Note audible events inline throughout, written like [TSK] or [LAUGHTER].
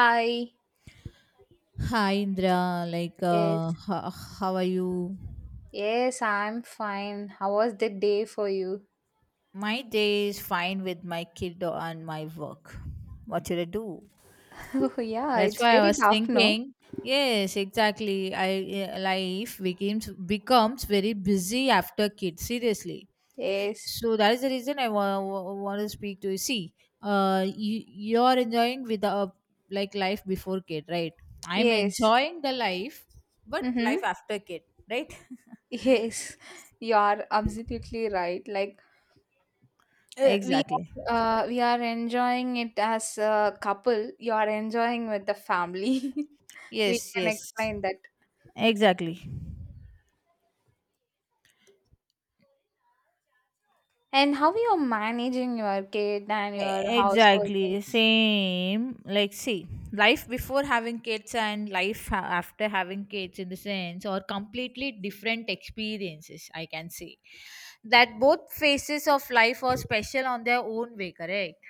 Hi. Hi Indra, like Yes. How are you? Yes, I'm fine. How was the day for you? My day is fine with my kid and my work. What should I do? [LAUGHS] Oh, yeah, That's it's why I very was tough, no? thinking. Yes, exactly. Life becomes very busy after kids. Seriously, Yes. so that is the reason I want to speak to you. See, you're enjoying with the like life before kid, right? I'm Yes. enjoying the life, but Mm-hmm. life after kid, right? [LAUGHS] Yes. You are absolutely right. [LAUGHS] Uh, we Exactly. We are enjoying it as a couple. You are enjoying with the family. [LAUGHS] We Yes, can yes. explain that. Exactly. And how you are managing your kid and your household Exactly. things? Same. Like, see, life before having kids and after having kids, in the sense, or completely different experiences, I can say. That both phases of life are special on their own way, correct?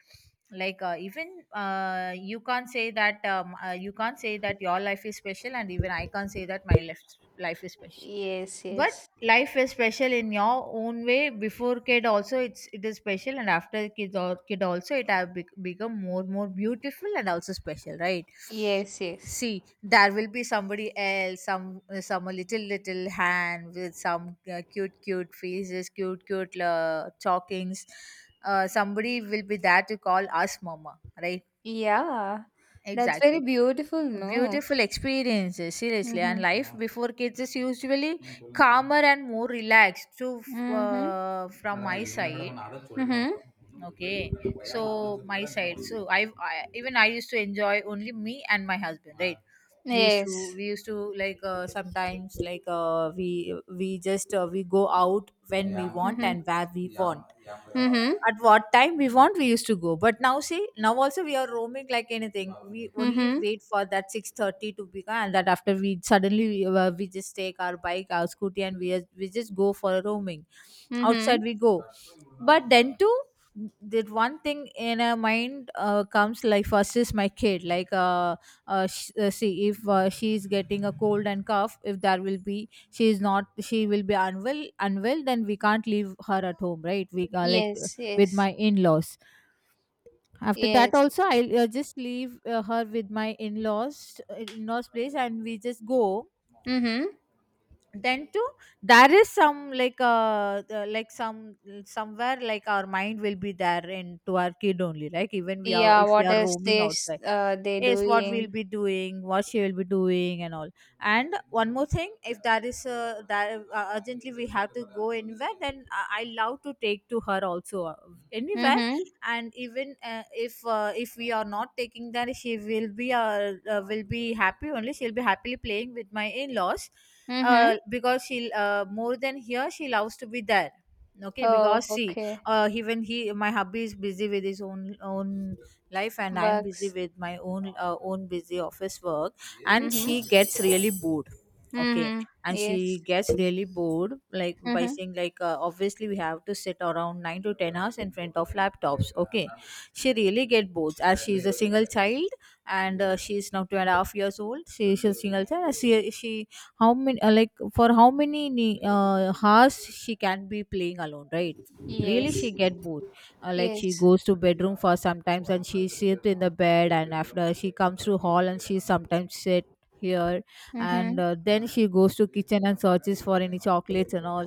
Like, even you can't say that your life is special, and even I can't say that my life is special. Yes, But yes. life is special in your own way. Before kid also, it is special, and after kid or kid also, it have become more beautiful and also special, right? Yes, yes. See, there will be somebody else, some a little little hand with some cute cute faces, cute cute talkings, somebody will be there to call us mama, right? Yeah, that's very Exactly. beautiful, no? Beautiful experiences, seriously. And Mhm. life before kids is usually calmer and more relaxed. So, Mhm. From my side, Mhm. okay. So my side. So I even I used to enjoy only me and my husband, right? we used to Yes. we used to like, sometimes, like, we go out when we want Mhm. and where we want, Mhm. at what time we want we used to go. But now see, now also we are roaming like anything. We only Mhm. wait for that 6:30 to become, and that after we suddenly we just take our bike, our scooty, and we just go for a roaming outside, Mhm. we go. But then too, that one thing in a mind comes, like, first is my kid, like, see, if she's getting a cold and cough, if there will be she is not, she will be unwell unwell, then we can't leave her at home, right? We like, Yes. with Yes. my in-laws. After that Yes. also, I'll just leave her with my in-laws place and we just go. Mhm. Then too, there is some, like, like some, somewhere like, our mind will be there into our kid only, like, even we are Yeah. if we What are else roaming they outside, uh they is what we'll doing? be doing, what she will be doing and all. And one more thing, if that is that urgently we have to go anywhere, then I love to take to her also, anywhere. Mhm. And even if we are not taking, that she will be happy only, she'll be happily playing with my in-laws, Mhm. Because she'll, more than here, she loves to be there. Okay, Oh, because see, okay. Even he my hubby is busy with his own life and I'm busy Bugs. with my own busy office work, and Mhm. she gets really bored, okay. Mhm. And she Yes. gets really bored, like, by Mhm. saying, like, obviously we have to sit around 9 to 10 hours in front of laptops, okay. She really get bored as she is a single child. And she is now 2.5 years old, she is a single child. She how many like For how many hours she can be playing alone, right? Really Yes. she get bored, like she Yes. goes to bedroom for sometimes, and she sit in the bed, and after she comes to hall, and she sometimes sit here, and Mhm. Then she goes to kitchen and searches for any chocolates and all.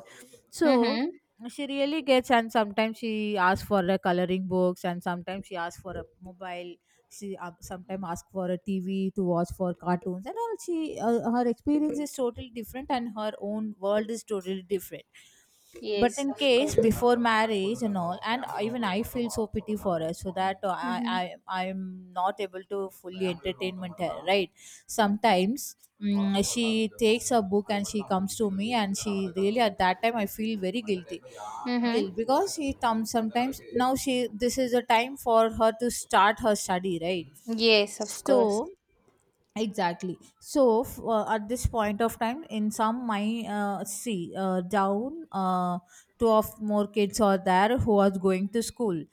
So Mhm. she really gets. And sometimes she asks for the coloring books, and sometimes she asks for a mobile. She, sometimes asks for a TV to watch for cartoons and all. She Her experience is totally different and her own world is totally different. But Yes. in Of case course. before marriage and all, and even I feel so pity for her, so that Mhm. I'm not able to fully entertainment her, right? Sometimes she takes a book and she comes to me, and she really, at that time I feel very guilty, Mhm. guilt, because she comes sometimes, now she, this is a time for her to start her study, right? Yes. Of course. So exactly. So, at this point of time, in some my, see, down, two of more kids are there who are going to school.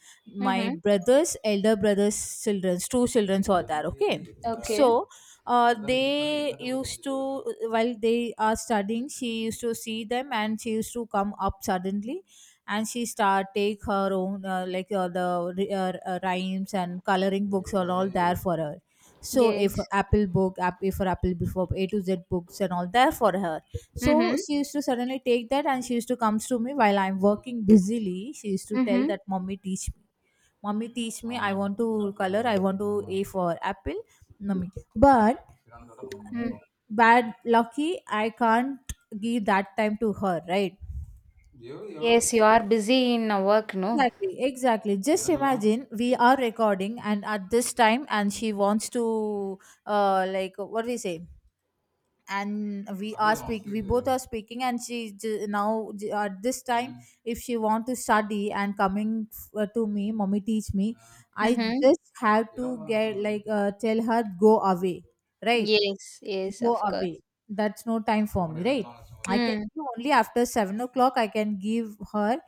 My Mhm. brother's elder brother's children's, two childrens are there, okay. Okay. So, they used to, while they are studying, she used to see them and she used to come up suddenly, and she start take her own, like, the rhymes and coloring books are all there for her. So, A for Yes. apple book, app A for apple before, A to Z books and all there for her. So Mm-hmm. she used to suddenly take that and she used to comes to me while I'm working busily. She used to tell Mm-hmm. that, mommy teach me, mommy teach me, I want to color, I want to A for apple, mommy. But Mm. bad lucky, I can't give that time to her, right? Yes, you are busy in work, no? Exactly, exactly, just imagine, we are recording and at this time, and she wants to, like, what do we say, and we both are speaking, and she j- now j- at this time, if she want to study and coming to me, mommy teach me, I Mm-hmm. just have to get, like, tell her go away, right? Yes, yes, Go of away. course. That's no time for me, right? I can Mm. do only after 7 o'clock, I can give her.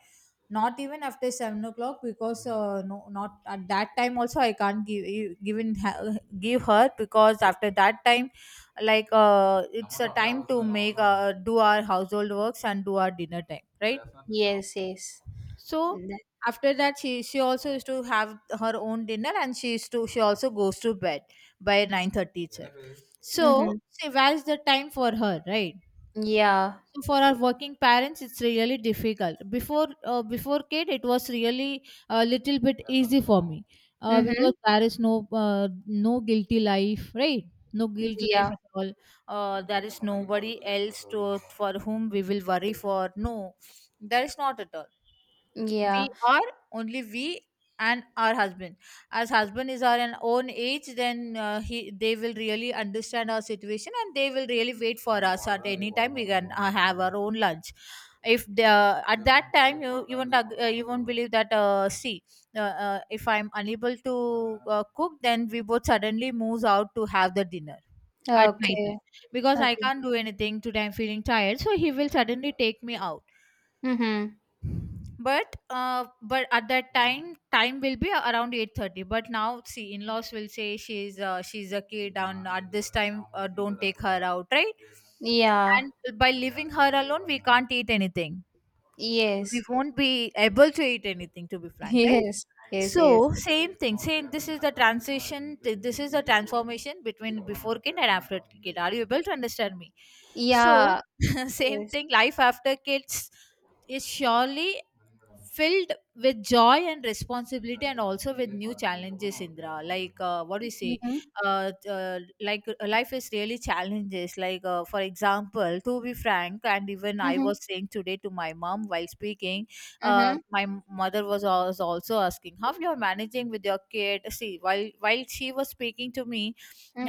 Not even after 7 o'clock, because no, not at that time also I can't give in give her, because after that time, like, it's a time to make do our household works and do our dinner time, right? Yes, yes. So after that she also used to have her own dinner, and she also goes to bed by 9:30, 30 itself. Mm-hmm. So see, where's the time for her, right? Yeah. So for our working parents, it's really difficult. Before kid, it was really a little bit easy for me, Mm-hmm. because there is no guilty life, right? No guilt Yeah. life at all. There is nobody else to, for whom we will worry for. No, there is not at all. Yeah. We are only we and our husband. As husband is our an own age, then he they will really understand our situation and they will really wait for us. At any time we can, have our own lunch. If the, at that time, you won't believe that, see, if I'm unable to cook, then we both suddenly moves out to have the dinner at night Okay. time, because I Okay. can't do anything today, I'm feeling tired, so he will suddenly take me out. Mm-hmm. But but at that time, time will be around 8:30. But now see, in-laws will say, she's a kid and at this time, don't take her out, right? Yeah. And by leaving her alone we can't eat anything, we Yes. won't be able to eat anything, to be frank, [LAUGHS] Yes. right? Yes, So yes. same thing, same, this is the transformation between before kid and after kid. Are you able to understand me? So Yeah. [LAUGHS] same Yes. thing, life after kids is surely filled with joy and responsibility, and also with new challenges, Indra, like, what do you say. Mm-hmm. Like, life is really challenges, like, for example, to be frank. And even I Mm-hmm. was saying today to my mom while speaking, Mm-hmm. my mother was also asking, how you're managing with your kid. See, while she was speaking to me,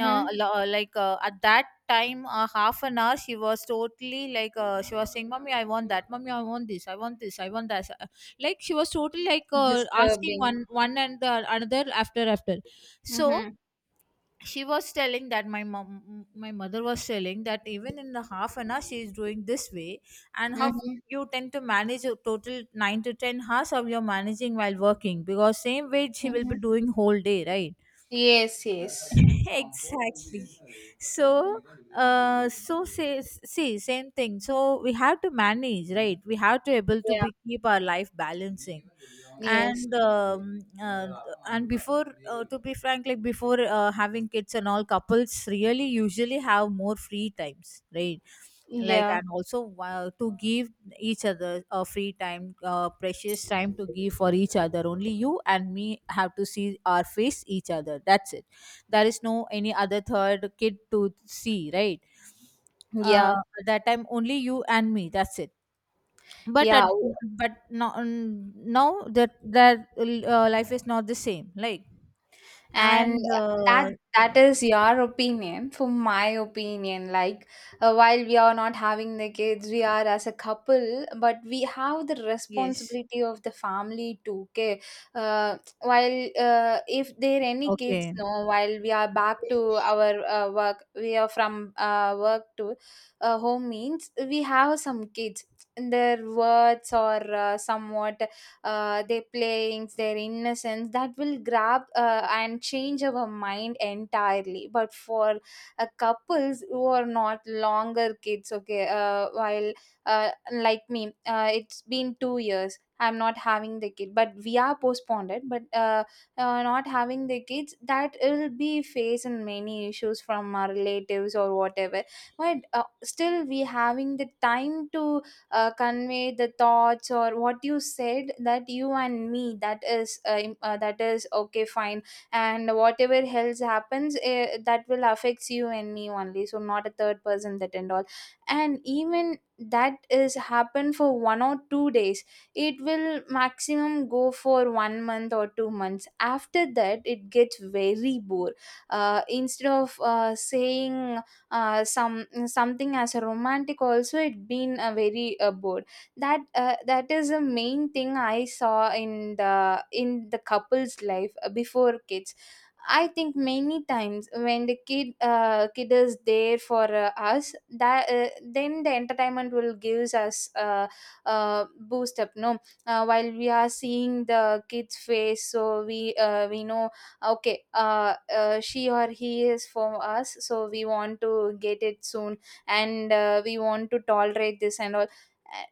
like, at that time, half an hour she was totally, like, she was saying, mommy I want that, mommy I want this, I want this, I want that, like, she was totally, like, asking Disturbing. one one and the another after after. So Mm-hmm. she was telling that, my mother was telling that, even in the half an hour she is doing this way, and how Mm-hmm. you tend to manage a total 9 to 10 hours of your managing while working, because same way she will Mm-hmm. be doing whole day, right? Yes, yes. [LAUGHS] Exactly. So, so say, see, same thing. So we have to manage, right? We have to able to Yeah. be keep our life balancing. Yes. And uh, and before To be frank, like before having kids and all, couples really usually have more free times, right? Like Yeah, and also while to give each other a free time, precious time to give for each other, only you and me have to see our face each other, that's it. There is no any other third kid to see, right? yeah, uh, at that time only you and me, that's it. but at, yeah. but now that life is not the same, like. And and that uh, that is your opinion. For my opinion, while we are not having the kids, we are as a couple, but we have the yes, responsibility of the family too. Okay. While if there are any kids, okay. no. While we are back to our work, we are from work to home means we have some kids. Their words or somewhat their playings, their innocence that will grab and change our mind entirely. But for couples who are not longer kids, okay, while like me, it's been 2 years. I'm not having the kid, but we are postponed it. But not having the kids, that will be facing many issues from our relatives or whatever. But still, we having the time to convey the thoughts or what you said that you and me, that is that is okay, fine. And whatever else happens, that will affects you and me only, so not a third person that and all. And even that is happened for 1 or 2 days, it will maximum go for 1 month or 2 months. After that it gets very bored, instead of saying some something as a romantic, also it been a very bored. That that is the main thing I saw in the couple's life before kids. I think many times when the kid is there for us, that then the entertainment will gives us boost up. No, while we are seeing the kid's face, so we know okay, she or he is for us, so we want to get it soon, and we want to tolerate this and all.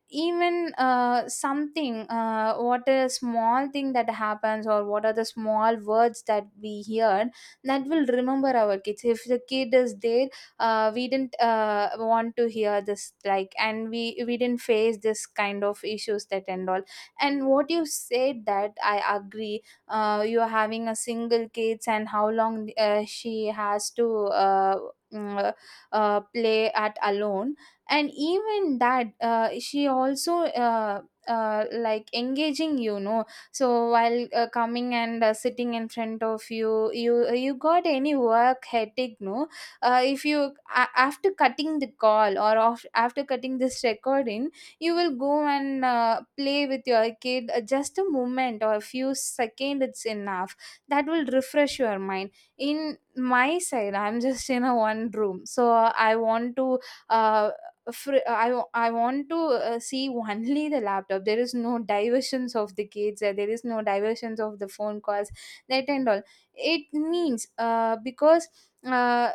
Even something what a small thing that happens or what are the small words that we hear, that will remember our kids. If the kid is there, we didn't want to hear this, like, and we didn't face this kind of issues that and all. And what you said that I agree. You're having a single kids, and how long she has to mm, uh, play at alone. And even that she also like engaging, you know. So while coming and sitting in front of you got any work headache, no. If you after cutting the call or off, after cutting this recording, you will go and play with your kid. Just a moment or a few seconds, it's enough. That will refresh your mind. In my side, I'm just in a one room, so I want to uh, I, I want to see [LAUGHS] only the laptop. There is no diversions of the kids, there is no diversions of the phone calls that and all. It means because uh,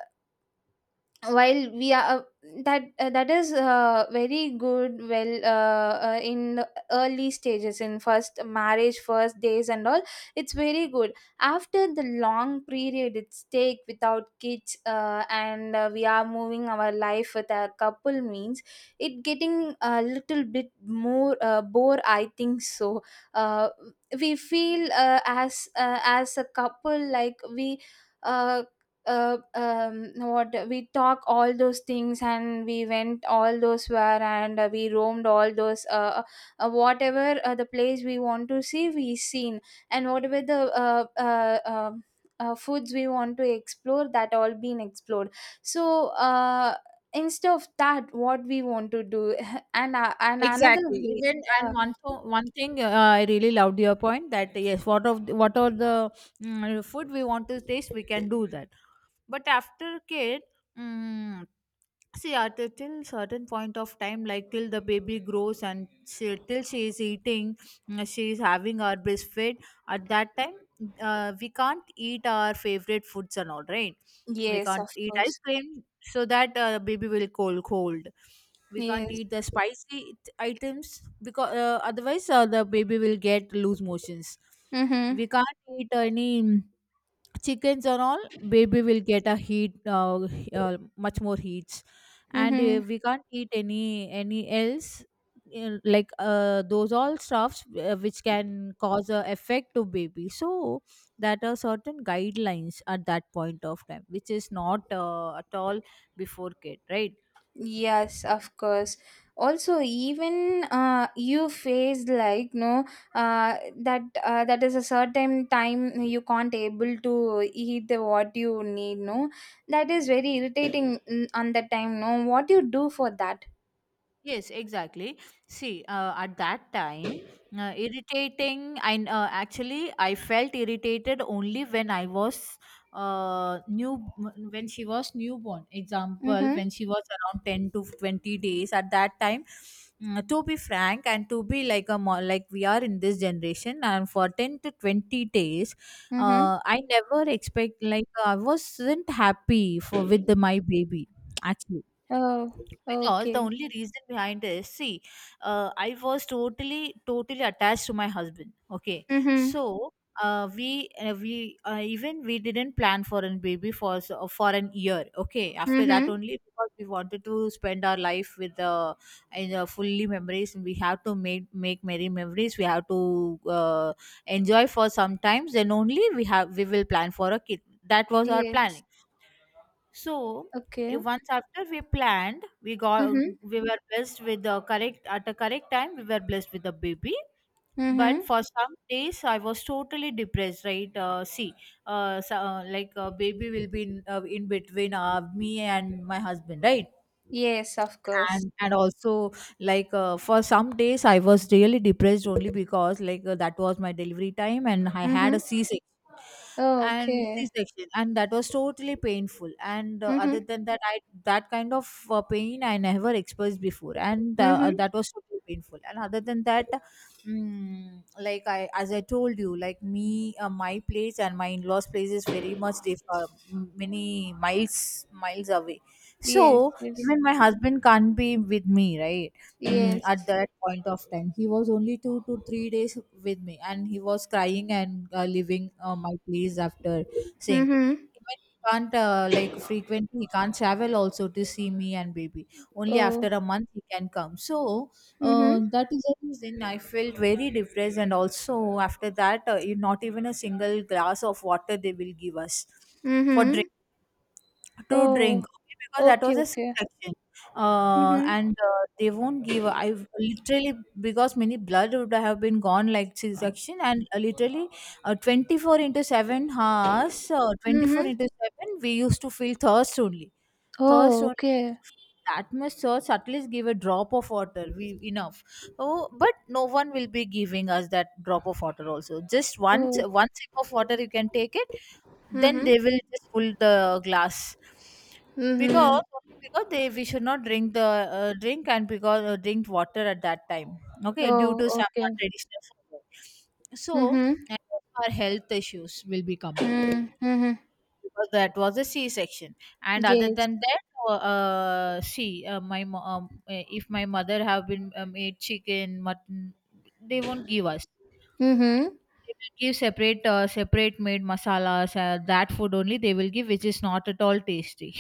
while we are that that is very good, well, in the early stages, in first marriage first days and all, it's very good. After the long period, it's take without kids, and we are moving our life with a couple, means it getting a little bit more bore, I think so. uh, we feel as a couple, like we uh, what we talk all those things, and we went all those where, and we roamed all those uh, whatever the place we want to see, we seen. And whatever the foods we want to explore, that all been explored. So instead of that, what we want to do? [LAUGHS] And another Exactly. way, Even yeah. and one thing, I really loved your point that yes, what of what are the food we want to taste, we can do that. But after kid, mm, see, at a till certain point of time, like till the baby grows and she, till she is eating, she is having our breastfeed. At that time, we can't eat our favorite foods and all, right? We Yes, can't of eat ice course. cream so that baby will cold cold. We can't Yes. eat the spicy items because otherwise the baby will get loose motions. Mm-hmm. We can't eat any chickens and all, baby will get a heat, much more heats, and Mm-hmm. We can't eat any else. Like, those all stuffs which can cause a effect to baby, so that are certain guidelines at that point of time which is not at all before kid, right? Yes, of course. Also, even you face like, no, that that is a certain time you can't able to eat the what you need. No, that is very irritating, on that time. No, what you do for that? Yes, exactly. See, at that time, irritating. I Actually, I felt irritated only when I was new, when she was newborn. Example, Mm-hmm. when she was around 10 to 20 days. At that time, to be frank and to be like like we are in this generation, and for 10 to 20 days, Mm-hmm. I never expect, like I wasn't happy for with my baby, actually. Oh, Because the okay. only reason behind this, see, I was totally attached to my husband, okay. Mm-hmm. So, we even we didn't plan for a baby for for an year, okay, after that Mm-hmm. only because we wanted to spend our life with the, in fully memories, and we have to make merry memories, we have to uh, enjoy for some times, then only we will plan for a kid. That was our plan. Yes. So Okay. if once after we planned, Mm-hmm. we were blessed with the correct at a correct time. We were blessed with the baby. But Mm-hmm. for some days, I was totally depressed, right? See, like baby will be in between me and my husband, right? Yes, of course. And also, like, for some days, I was really depressed only because, like, that was my delivery time, and I had Mm-hmm. a C Oh, and okay. c-section, and that was totally painful. And other Mm-hmm. than that, I that kind of pain I never experienced before, and Mm-hmm. that was totally painful. And other than that, like I as I told you, like me, my place and my in-laws place is very much many miles away, Yes. so Yes. even my husband can't be with me, right? At Yes. that point of time he was only 2 to 3 days with me, and he was crying and leaving my place, after saying Mhm. even he can't, like, frequently he can't travel also to see me and baby. Only after Oh. a month he can come. So Mhm. That is the reason I felt very depressed. And also after that, not even a single glass of water they will give us for Mhm. drink to Oh, drink okay, because that okay, was a okay. C-section. Mhm. And They won't give. I literally, because many blood would have been gone, like C-section, and literally, 24 into 7 hours, Mhm. 24 into seven, we used to feel thirst only. Thirst Oh, only. okay. That much thirst, at least give a drop of water, we enough. Oh, but no one will be giving us that drop of water. Also, just one Oh. one sip of water you can take it, then Mhm. they will just pull the glass. Because, Mhm. only because they we should not drink the drink, and because drink water at that time, okay, due Oh, to some okay. traditional food. So, Mhm. and our health issues will be coming Mm. Mhm. because that was a C section, and other Yes. than that, see, if my mother have been made chicken mutton, they won't give us. Mhm. They will give separate, separate made masalas, that food only they will give, which is not at all tasty.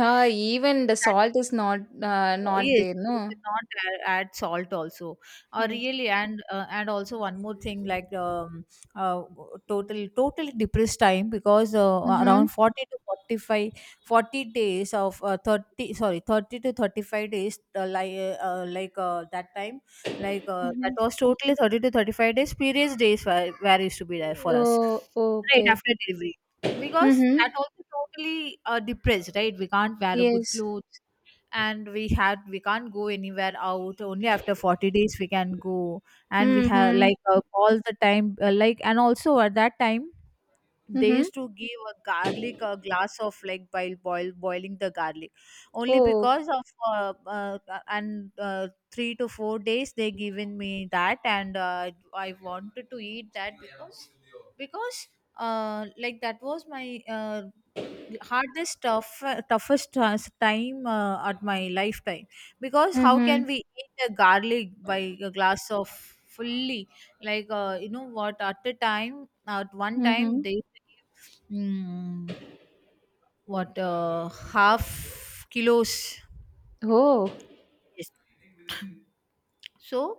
[LAUGHS] even the salt That, is not so not yes, there, they no. should not add salt also. Yes. Really. And and also one more thing, like, uh, totally depressed time, because Mhm. around 40 to 45 40 days of 30 to 35 days, that time, that Mhm. was totally 30 to 35 days, periods days where used to be there for us, Oh, right okay. after delivery. Because that Mhm. also totally depressed, right? We can't wear a good Yes. clothes, and we can't go anywhere out, only after 40 days we can go. And we have Mhm. like, all the time, like, and also at that time they Mhm. used to give a garlic, a glass of like boiling the garlic, only Oh, because of, and 3 to 4 days they given me that, and I wanted to eat that. Because because like that was my hardest tough, toughest time at my lifetime. Because how Mhm. can we eat a garlic by a glass of fully, like, you know what, at one time they Mhm. give, mm, what, half kilos. oh. Yes. So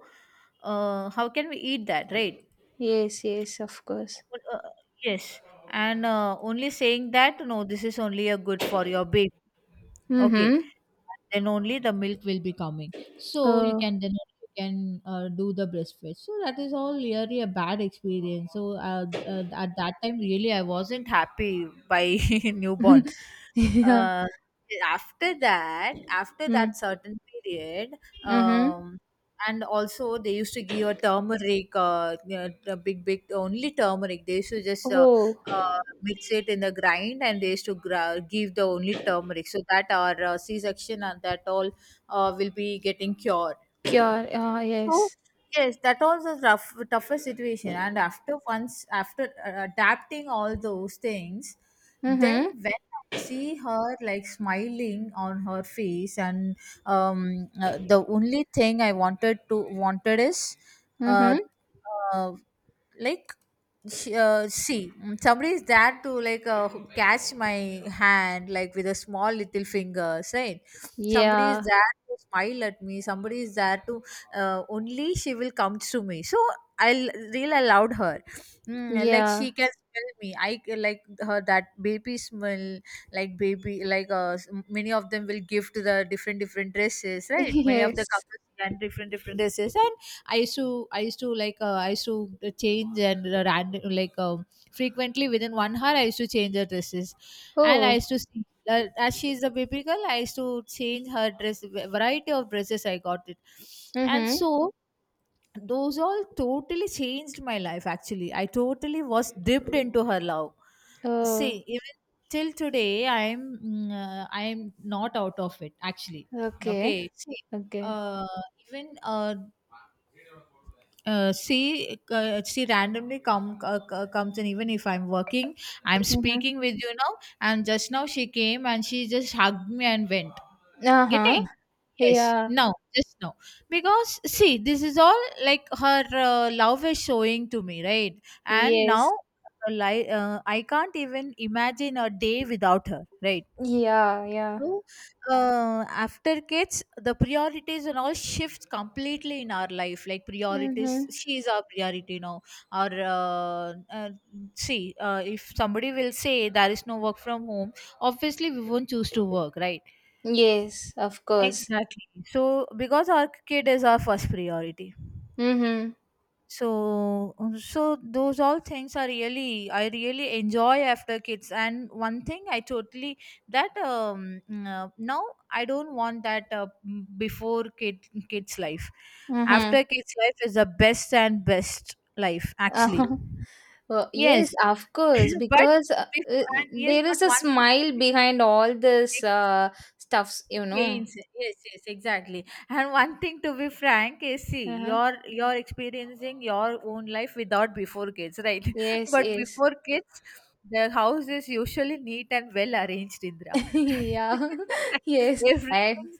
how can we eat that, right? Yes, yes, of course. uh, yes. And only saying that, no, this is only a good for your baby, okay. Mm-hmm. Then only the milk will be coming, so you Uh, can then only you can do the breastfeed. So that is all really a bad experience. So, at that time really I wasn't happy by [LAUGHS] newborn. [LAUGHS] yeah. uh, After that, Mm. Certain period, Mm-hmm. um and also they used to give a turmeric, you know, the big big only turmeric they used to just Oh, mix it in the grind, and they used to give the only turmeric, so that our c-section and that all will be getting cured. yeah. Ah. So Yes. yes, that was a rough, toughest situation. And after once after adapting all those things, Mm-hmm. then when I see her like smiling on her face, and the only thing I wanted is, uh, Mm-hmm. uh, like see, somebody is there to like, who catch my hand like with a small little fingers, right? Somebody is Yeah. there to smile at me. Somebody is there to, only she will come to me. So I will real allowed her, like she Yeah. can smell me. Like her, that baby smell, like baby, like, many of them will give to the different different dresses, right? [LAUGHS] Many of the Yes. couples and different different dresses, and i used to I used to like, I used to change and like, frequently within 1 hour I used to change her dresses, and I Oh. used to see, as she is a baby girl, I used to change her dress, variety of dresses I got it. And Mm-hmm. so those all totally changed my life. Actually I totally was dipped into her love. Oh. See, even till today I'm not out of it actually, Okay. okay. See, Okay. uh, even, she randomly comes in, even if I'm working, I'm Mm-hmm. speaking with you now, and just now she came and she just hugged me and went. Uh-huh. Getting. Yes, Yeah. no, just no. Because see, this is all like her love is showing to me, right? And Yes. now, I can't even imagine a day without her, right? Yeah. Yeah. So, after kids, the priorities and all shifts completely in our life. Like priorities, Mm-hmm. she is our priority now. Or see, if somebody will say there is no work from home, obviously we won't choose to work, right? Yes. Of course. Exactly. So, because our kid is our first priority, Mm-hmm. so those all things are really, I really enjoy after kids. And one thing I totally, that now I don't want that, before kids life. Mm-hmm. After kids life is the best and best life actually. Uh, [LAUGHS] yes, Yes, of course, [LAUGHS] but because before, and yes, there but is a one smile thing behind all this stuffs, you know. pains. Yes, exactly. And one thing to be frank is, see, Uh-huh. you're experiencing your own life without before kids, right? [LAUGHS] Yes, but yes. before kids, the house is usually neat and well arranged, Indra. [LAUGHS] [LAUGHS] yeah. [LAUGHS] yes. I, everything,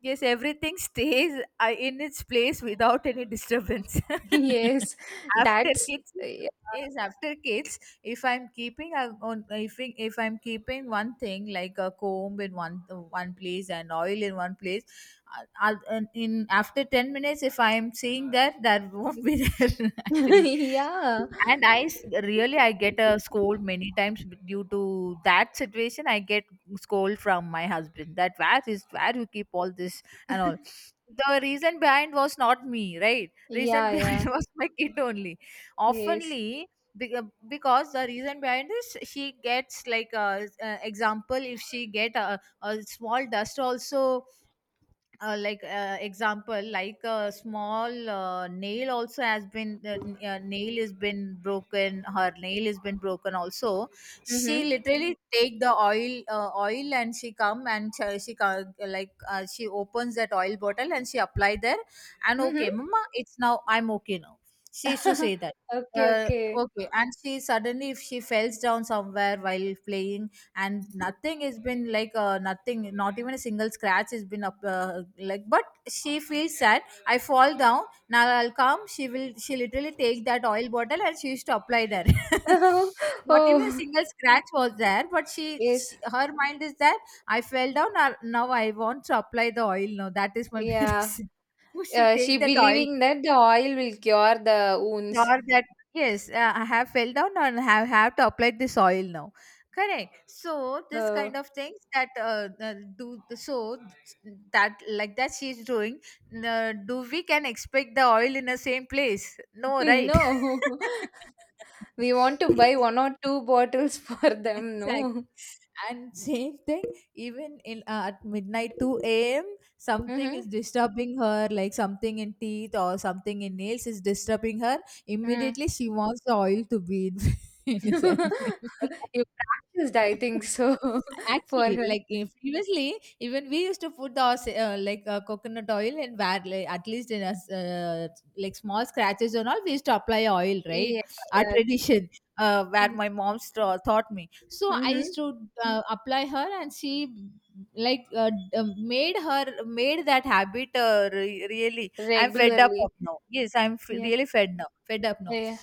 yes, everything stays in its place without any disturbance. [LAUGHS] yes. [LAUGHS] after That's kids yeah. is after kids. If I'm keeping a- on if, I- if I'm keeping one thing like a comb in one place and oil in one place, and in after 10 minutes if I'm seeing that that won't be [LAUGHS] there actually. [LAUGHS] yeah. Really, I get a scold many times due to that situation. I get scold from my husband that where is where you keep all this and all. The reason behind was not me, right? Reason Yeah, [LAUGHS] behind yeah. was my kid only. Yes. Oftenly, be- uh, because the reason behind is she gets like, example if she get a small dust also, like, example, like a small nail also has been, nail has been broken, her nail has been broken also. Mhm. She literally take the oil, oil, and she come, and she co- like she opens that oil bottle and she apply there. And Mhm. okay, mama, it's now, I'm okay now, she used to say [LAUGHS] that. okay, uh, okay. okay, and she suddenly, if she falls down somewhere while playing and nothing has been like, nothing, not even a single scratch has been up, like, but she feels sad. I fall down, now I'll come, she literally take that oil bottle and she used to apply there. [LAUGHS] [LAUGHS] not even a oh, single scratch was there, but yes. she her mind is that, I fell down, now I want to apply the oil, now that is my [LAUGHS] Yeah. medicine. So she She take that oil, believing that the oil will cure the wounds. sure that, yes, I have fell down and have to apply this oil now. Correct, so this Uh, kind of things that, do so that, like that she's doing, do we can expect the oil in the same place? [LAUGHS] No, right? no. [LAUGHS] We want to buy one [LAUGHS] or two bottles [LAUGHS] for them, Exactly. no. And same thing, even in at midnight 2 a.m., something Mm-hmm. is disturbing her, like something in teeth or something in nails is disturbing her. Mm. Immediately, she wants the oil to be in, [LAUGHS] in his hand. [LAUGHS] You practiced, I [LAUGHS] think so, [LAUGHS] for Actually, her. like if previously, even we used to put the, coconut oil and where like, at least in us, like small scratches and all, we used to apply oil, right? Yeah, Our yeah. tradition, where Yeah. my taught me. So I Mm-hmm. used to apply her, and she like, made that habit, really I'm fed up of Regularly. now. Yes, I'm Yeah, really fed now. Fed up now. yeah.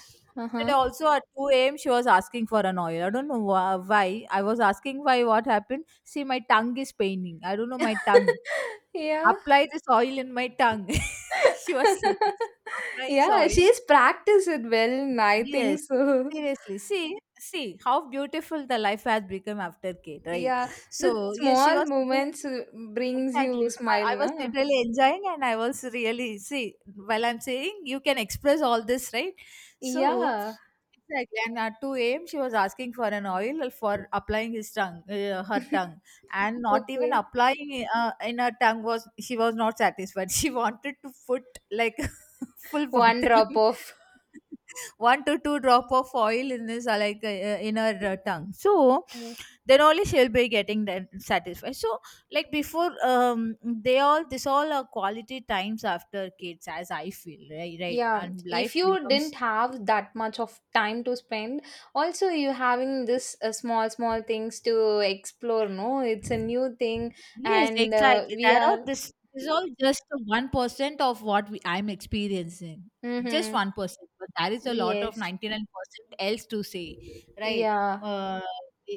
Yesterday Uh-huh. also at 2 a.m. she was asking for an oil. I don't know why. I was asking why, what happened. See, my tongue is paining. I don't know my tongue. [LAUGHS] Yeah. Apply this oil in my tongue. [LAUGHS] she was saying, [LAUGHS] apply this Yeah, oil. she's practiced it well, I think Yes. so. [LAUGHS] Seriously, see how beautiful the life has become after Kate, right? Yeah, the So, yes, she small was. moments brings Exactly. you smile, I was na? literally enjoying and I was really, see, while I'm saying, you can express all this, right? So Yeah. exactly, and at 2 a.m. she was asking for an oil for applying his tongue, her [LAUGHS] tongue. And not even Okay. applying in her tongue, was she was not satisfied. [LAUGHS] She wanted to put like [LAUGHS] full One bottle drop in, off. [LAUGHS] one to two drop of oil in this, in her tongue. So Mm. then only she'll be getting then satisfied, so like before, they all, this all are quality times after kids as I feel, right, right? Yeah, And if life you becomes. didn't have that much of time to spend, also you having this small small things to explore. No, it's a new thing, Yes, and exactly. we There are, are. this is all just 1% of what I'm experiencing. Just Mm-hmm. 1%, but there is a lot of Yes. 99% else to say, right? Yeah. Uh,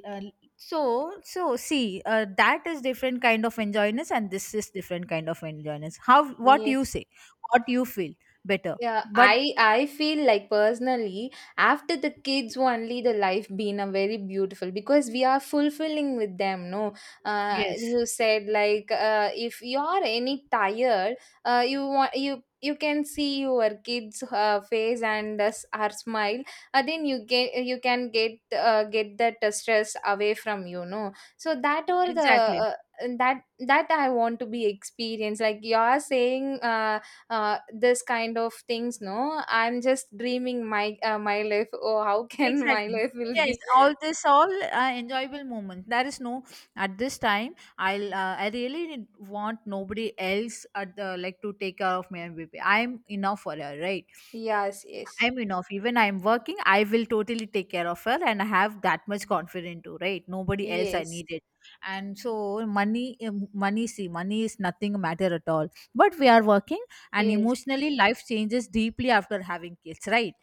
uh, so, so see, that is different kind of enjoyness, and this is different kind of enjoyness. How, what Yeah. you say, what you feel better, Yeah, but I feel like personally after the kids only the life been a very beautiful, because we are fulfilling with them. No, yes, you said like if you are any tired, you want you can see your kids face and her smile. Then you get you can get that stress away from you. No, so that or the. exactly. Uh, that that I want to be experienced. Like you are saying, this kind of things, no, I'm just dreaming my my life. Oh, how can [LAUGHS] my Exactly. life will Yes, be? all this, all enjoyable moments. There is no at this time. I really want nobody else at the like to take care of my MVP. I'm enough for her, right? Yes, yes, I'm enough. Even I'm working, I will totally take care of her, and I have that much confidence too, right? Nobody else I yes, need it. And so money, money. See, money is nothing matter at all. But we are working, and yes, emotionally, life changes deeply after having kids, right?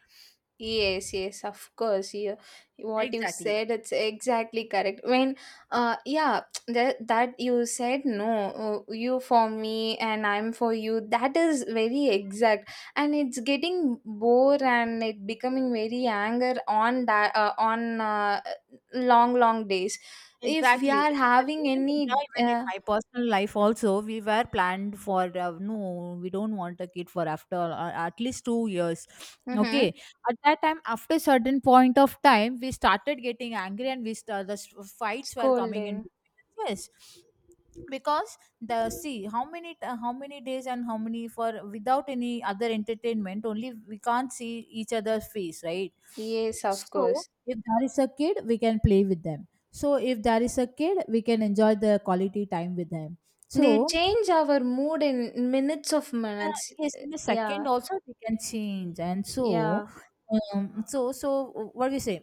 yes. Yes, of course. You, what you Exactly. said, it's exactly correct. When yeah, [TSK] that you said, no, you for me and I'm for you, that is very exact. And it's getting bore and it becoming very anger on that on long long days, if we Exactly. are Exactly. having any Even in my personal life also, we were planned for, no, we don't want a kid for after, at least 2 years. mhm, Okay, at that time, after certain point of time, we started getting angry and we st- the s- fights were coming scolding. in between us. Yes, because the, see, how many days and how many for, without any other entertainment only we can't see each other's face, right? Yes, of So course, if there is a kid we can play with them. So if there is a kid, we can enjoy the quality time with them. they So, change our mood in minutes of uh, minutes. yes, in a Yeah. second also we can change, and so Yeah. um, so so what we say?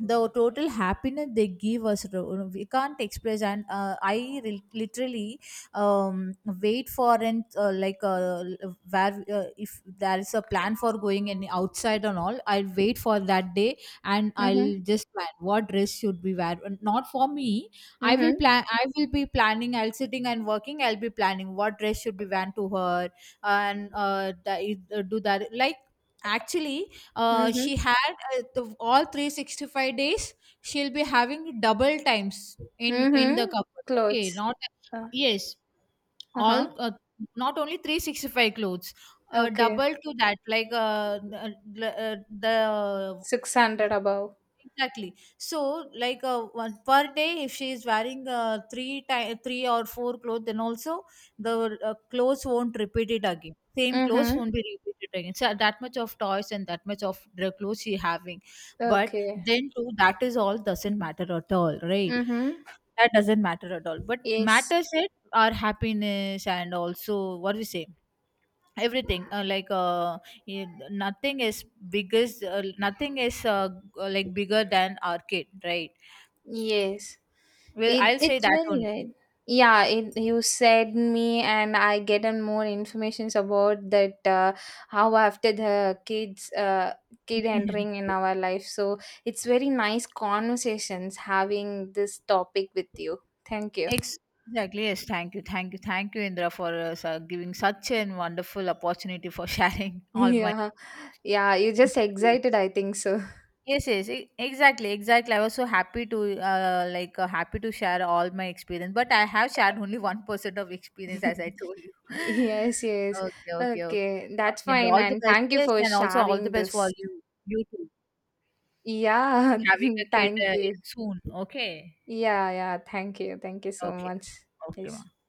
The total happiness they give us, we can't express. And literally, um, wait for. And like where If there is a plan for going any outside and all, I'll wait for that day. And I'll Mm-hmm, just plan what dress should be wear, not for me. I mm-hmm, will plan, I will be planning. I'll sitting and working, I'll be planning what dress should be worn to her. And that, do that like actually, mm-hmm, she had, the, all 365 days she'll be having double times in the mm-hmm. cupboard, okay, Clothes, not, uh, yes, uh-huh. all, not only 365 clothes, Okay. double to that, like, the 600 above. Exactly. So, like, one per day, if she is wearing, three or four clothes, then also the, clothes won't repeat it again. Same clothes Mm-hmm. won't be repeated again. So that much of toys and that much of the clothes she having. But Okay. then too, that is all doesn't matter at all, right? Mm-hmm. That doesn't matter at all. But Yes, matters it our happiness and also what we say, everything, nothing is biggest, nothing is, like bigger than arcade, right? yes. Well, It I'll say it's that very only. right. Yeah, it, you said me, and I get on more informations about that how after the kids kid entering [LAUGHS] in our life. So it's very nice conversations having this topic with you. Thank you. Ex- [LAUGHS] exactly. Yes, thank you, thank you, thank you, Indra, for, giving such a wonderful opportunity for [LAUGHS] sharing all my Yeah, yeah, you're just excited. experience. I think so. Yes, yes, exactly, exactly. I was so happy to, happy to share all my experience, but I have shared only 1% of experience, as I [LAUGHS] told you. [LAUGHS] Yes, yes. okay, okay, okay. Okay, that's Okay, fine. all the And best, thank you yes, for and also all the sharing best for this. you, you too, Yeah, having a [LAUGHS] kid, thank you. in soon. Okay, Yeah, yeah. Thank you. Thank you so okay, much. okay, Yes. ma'am.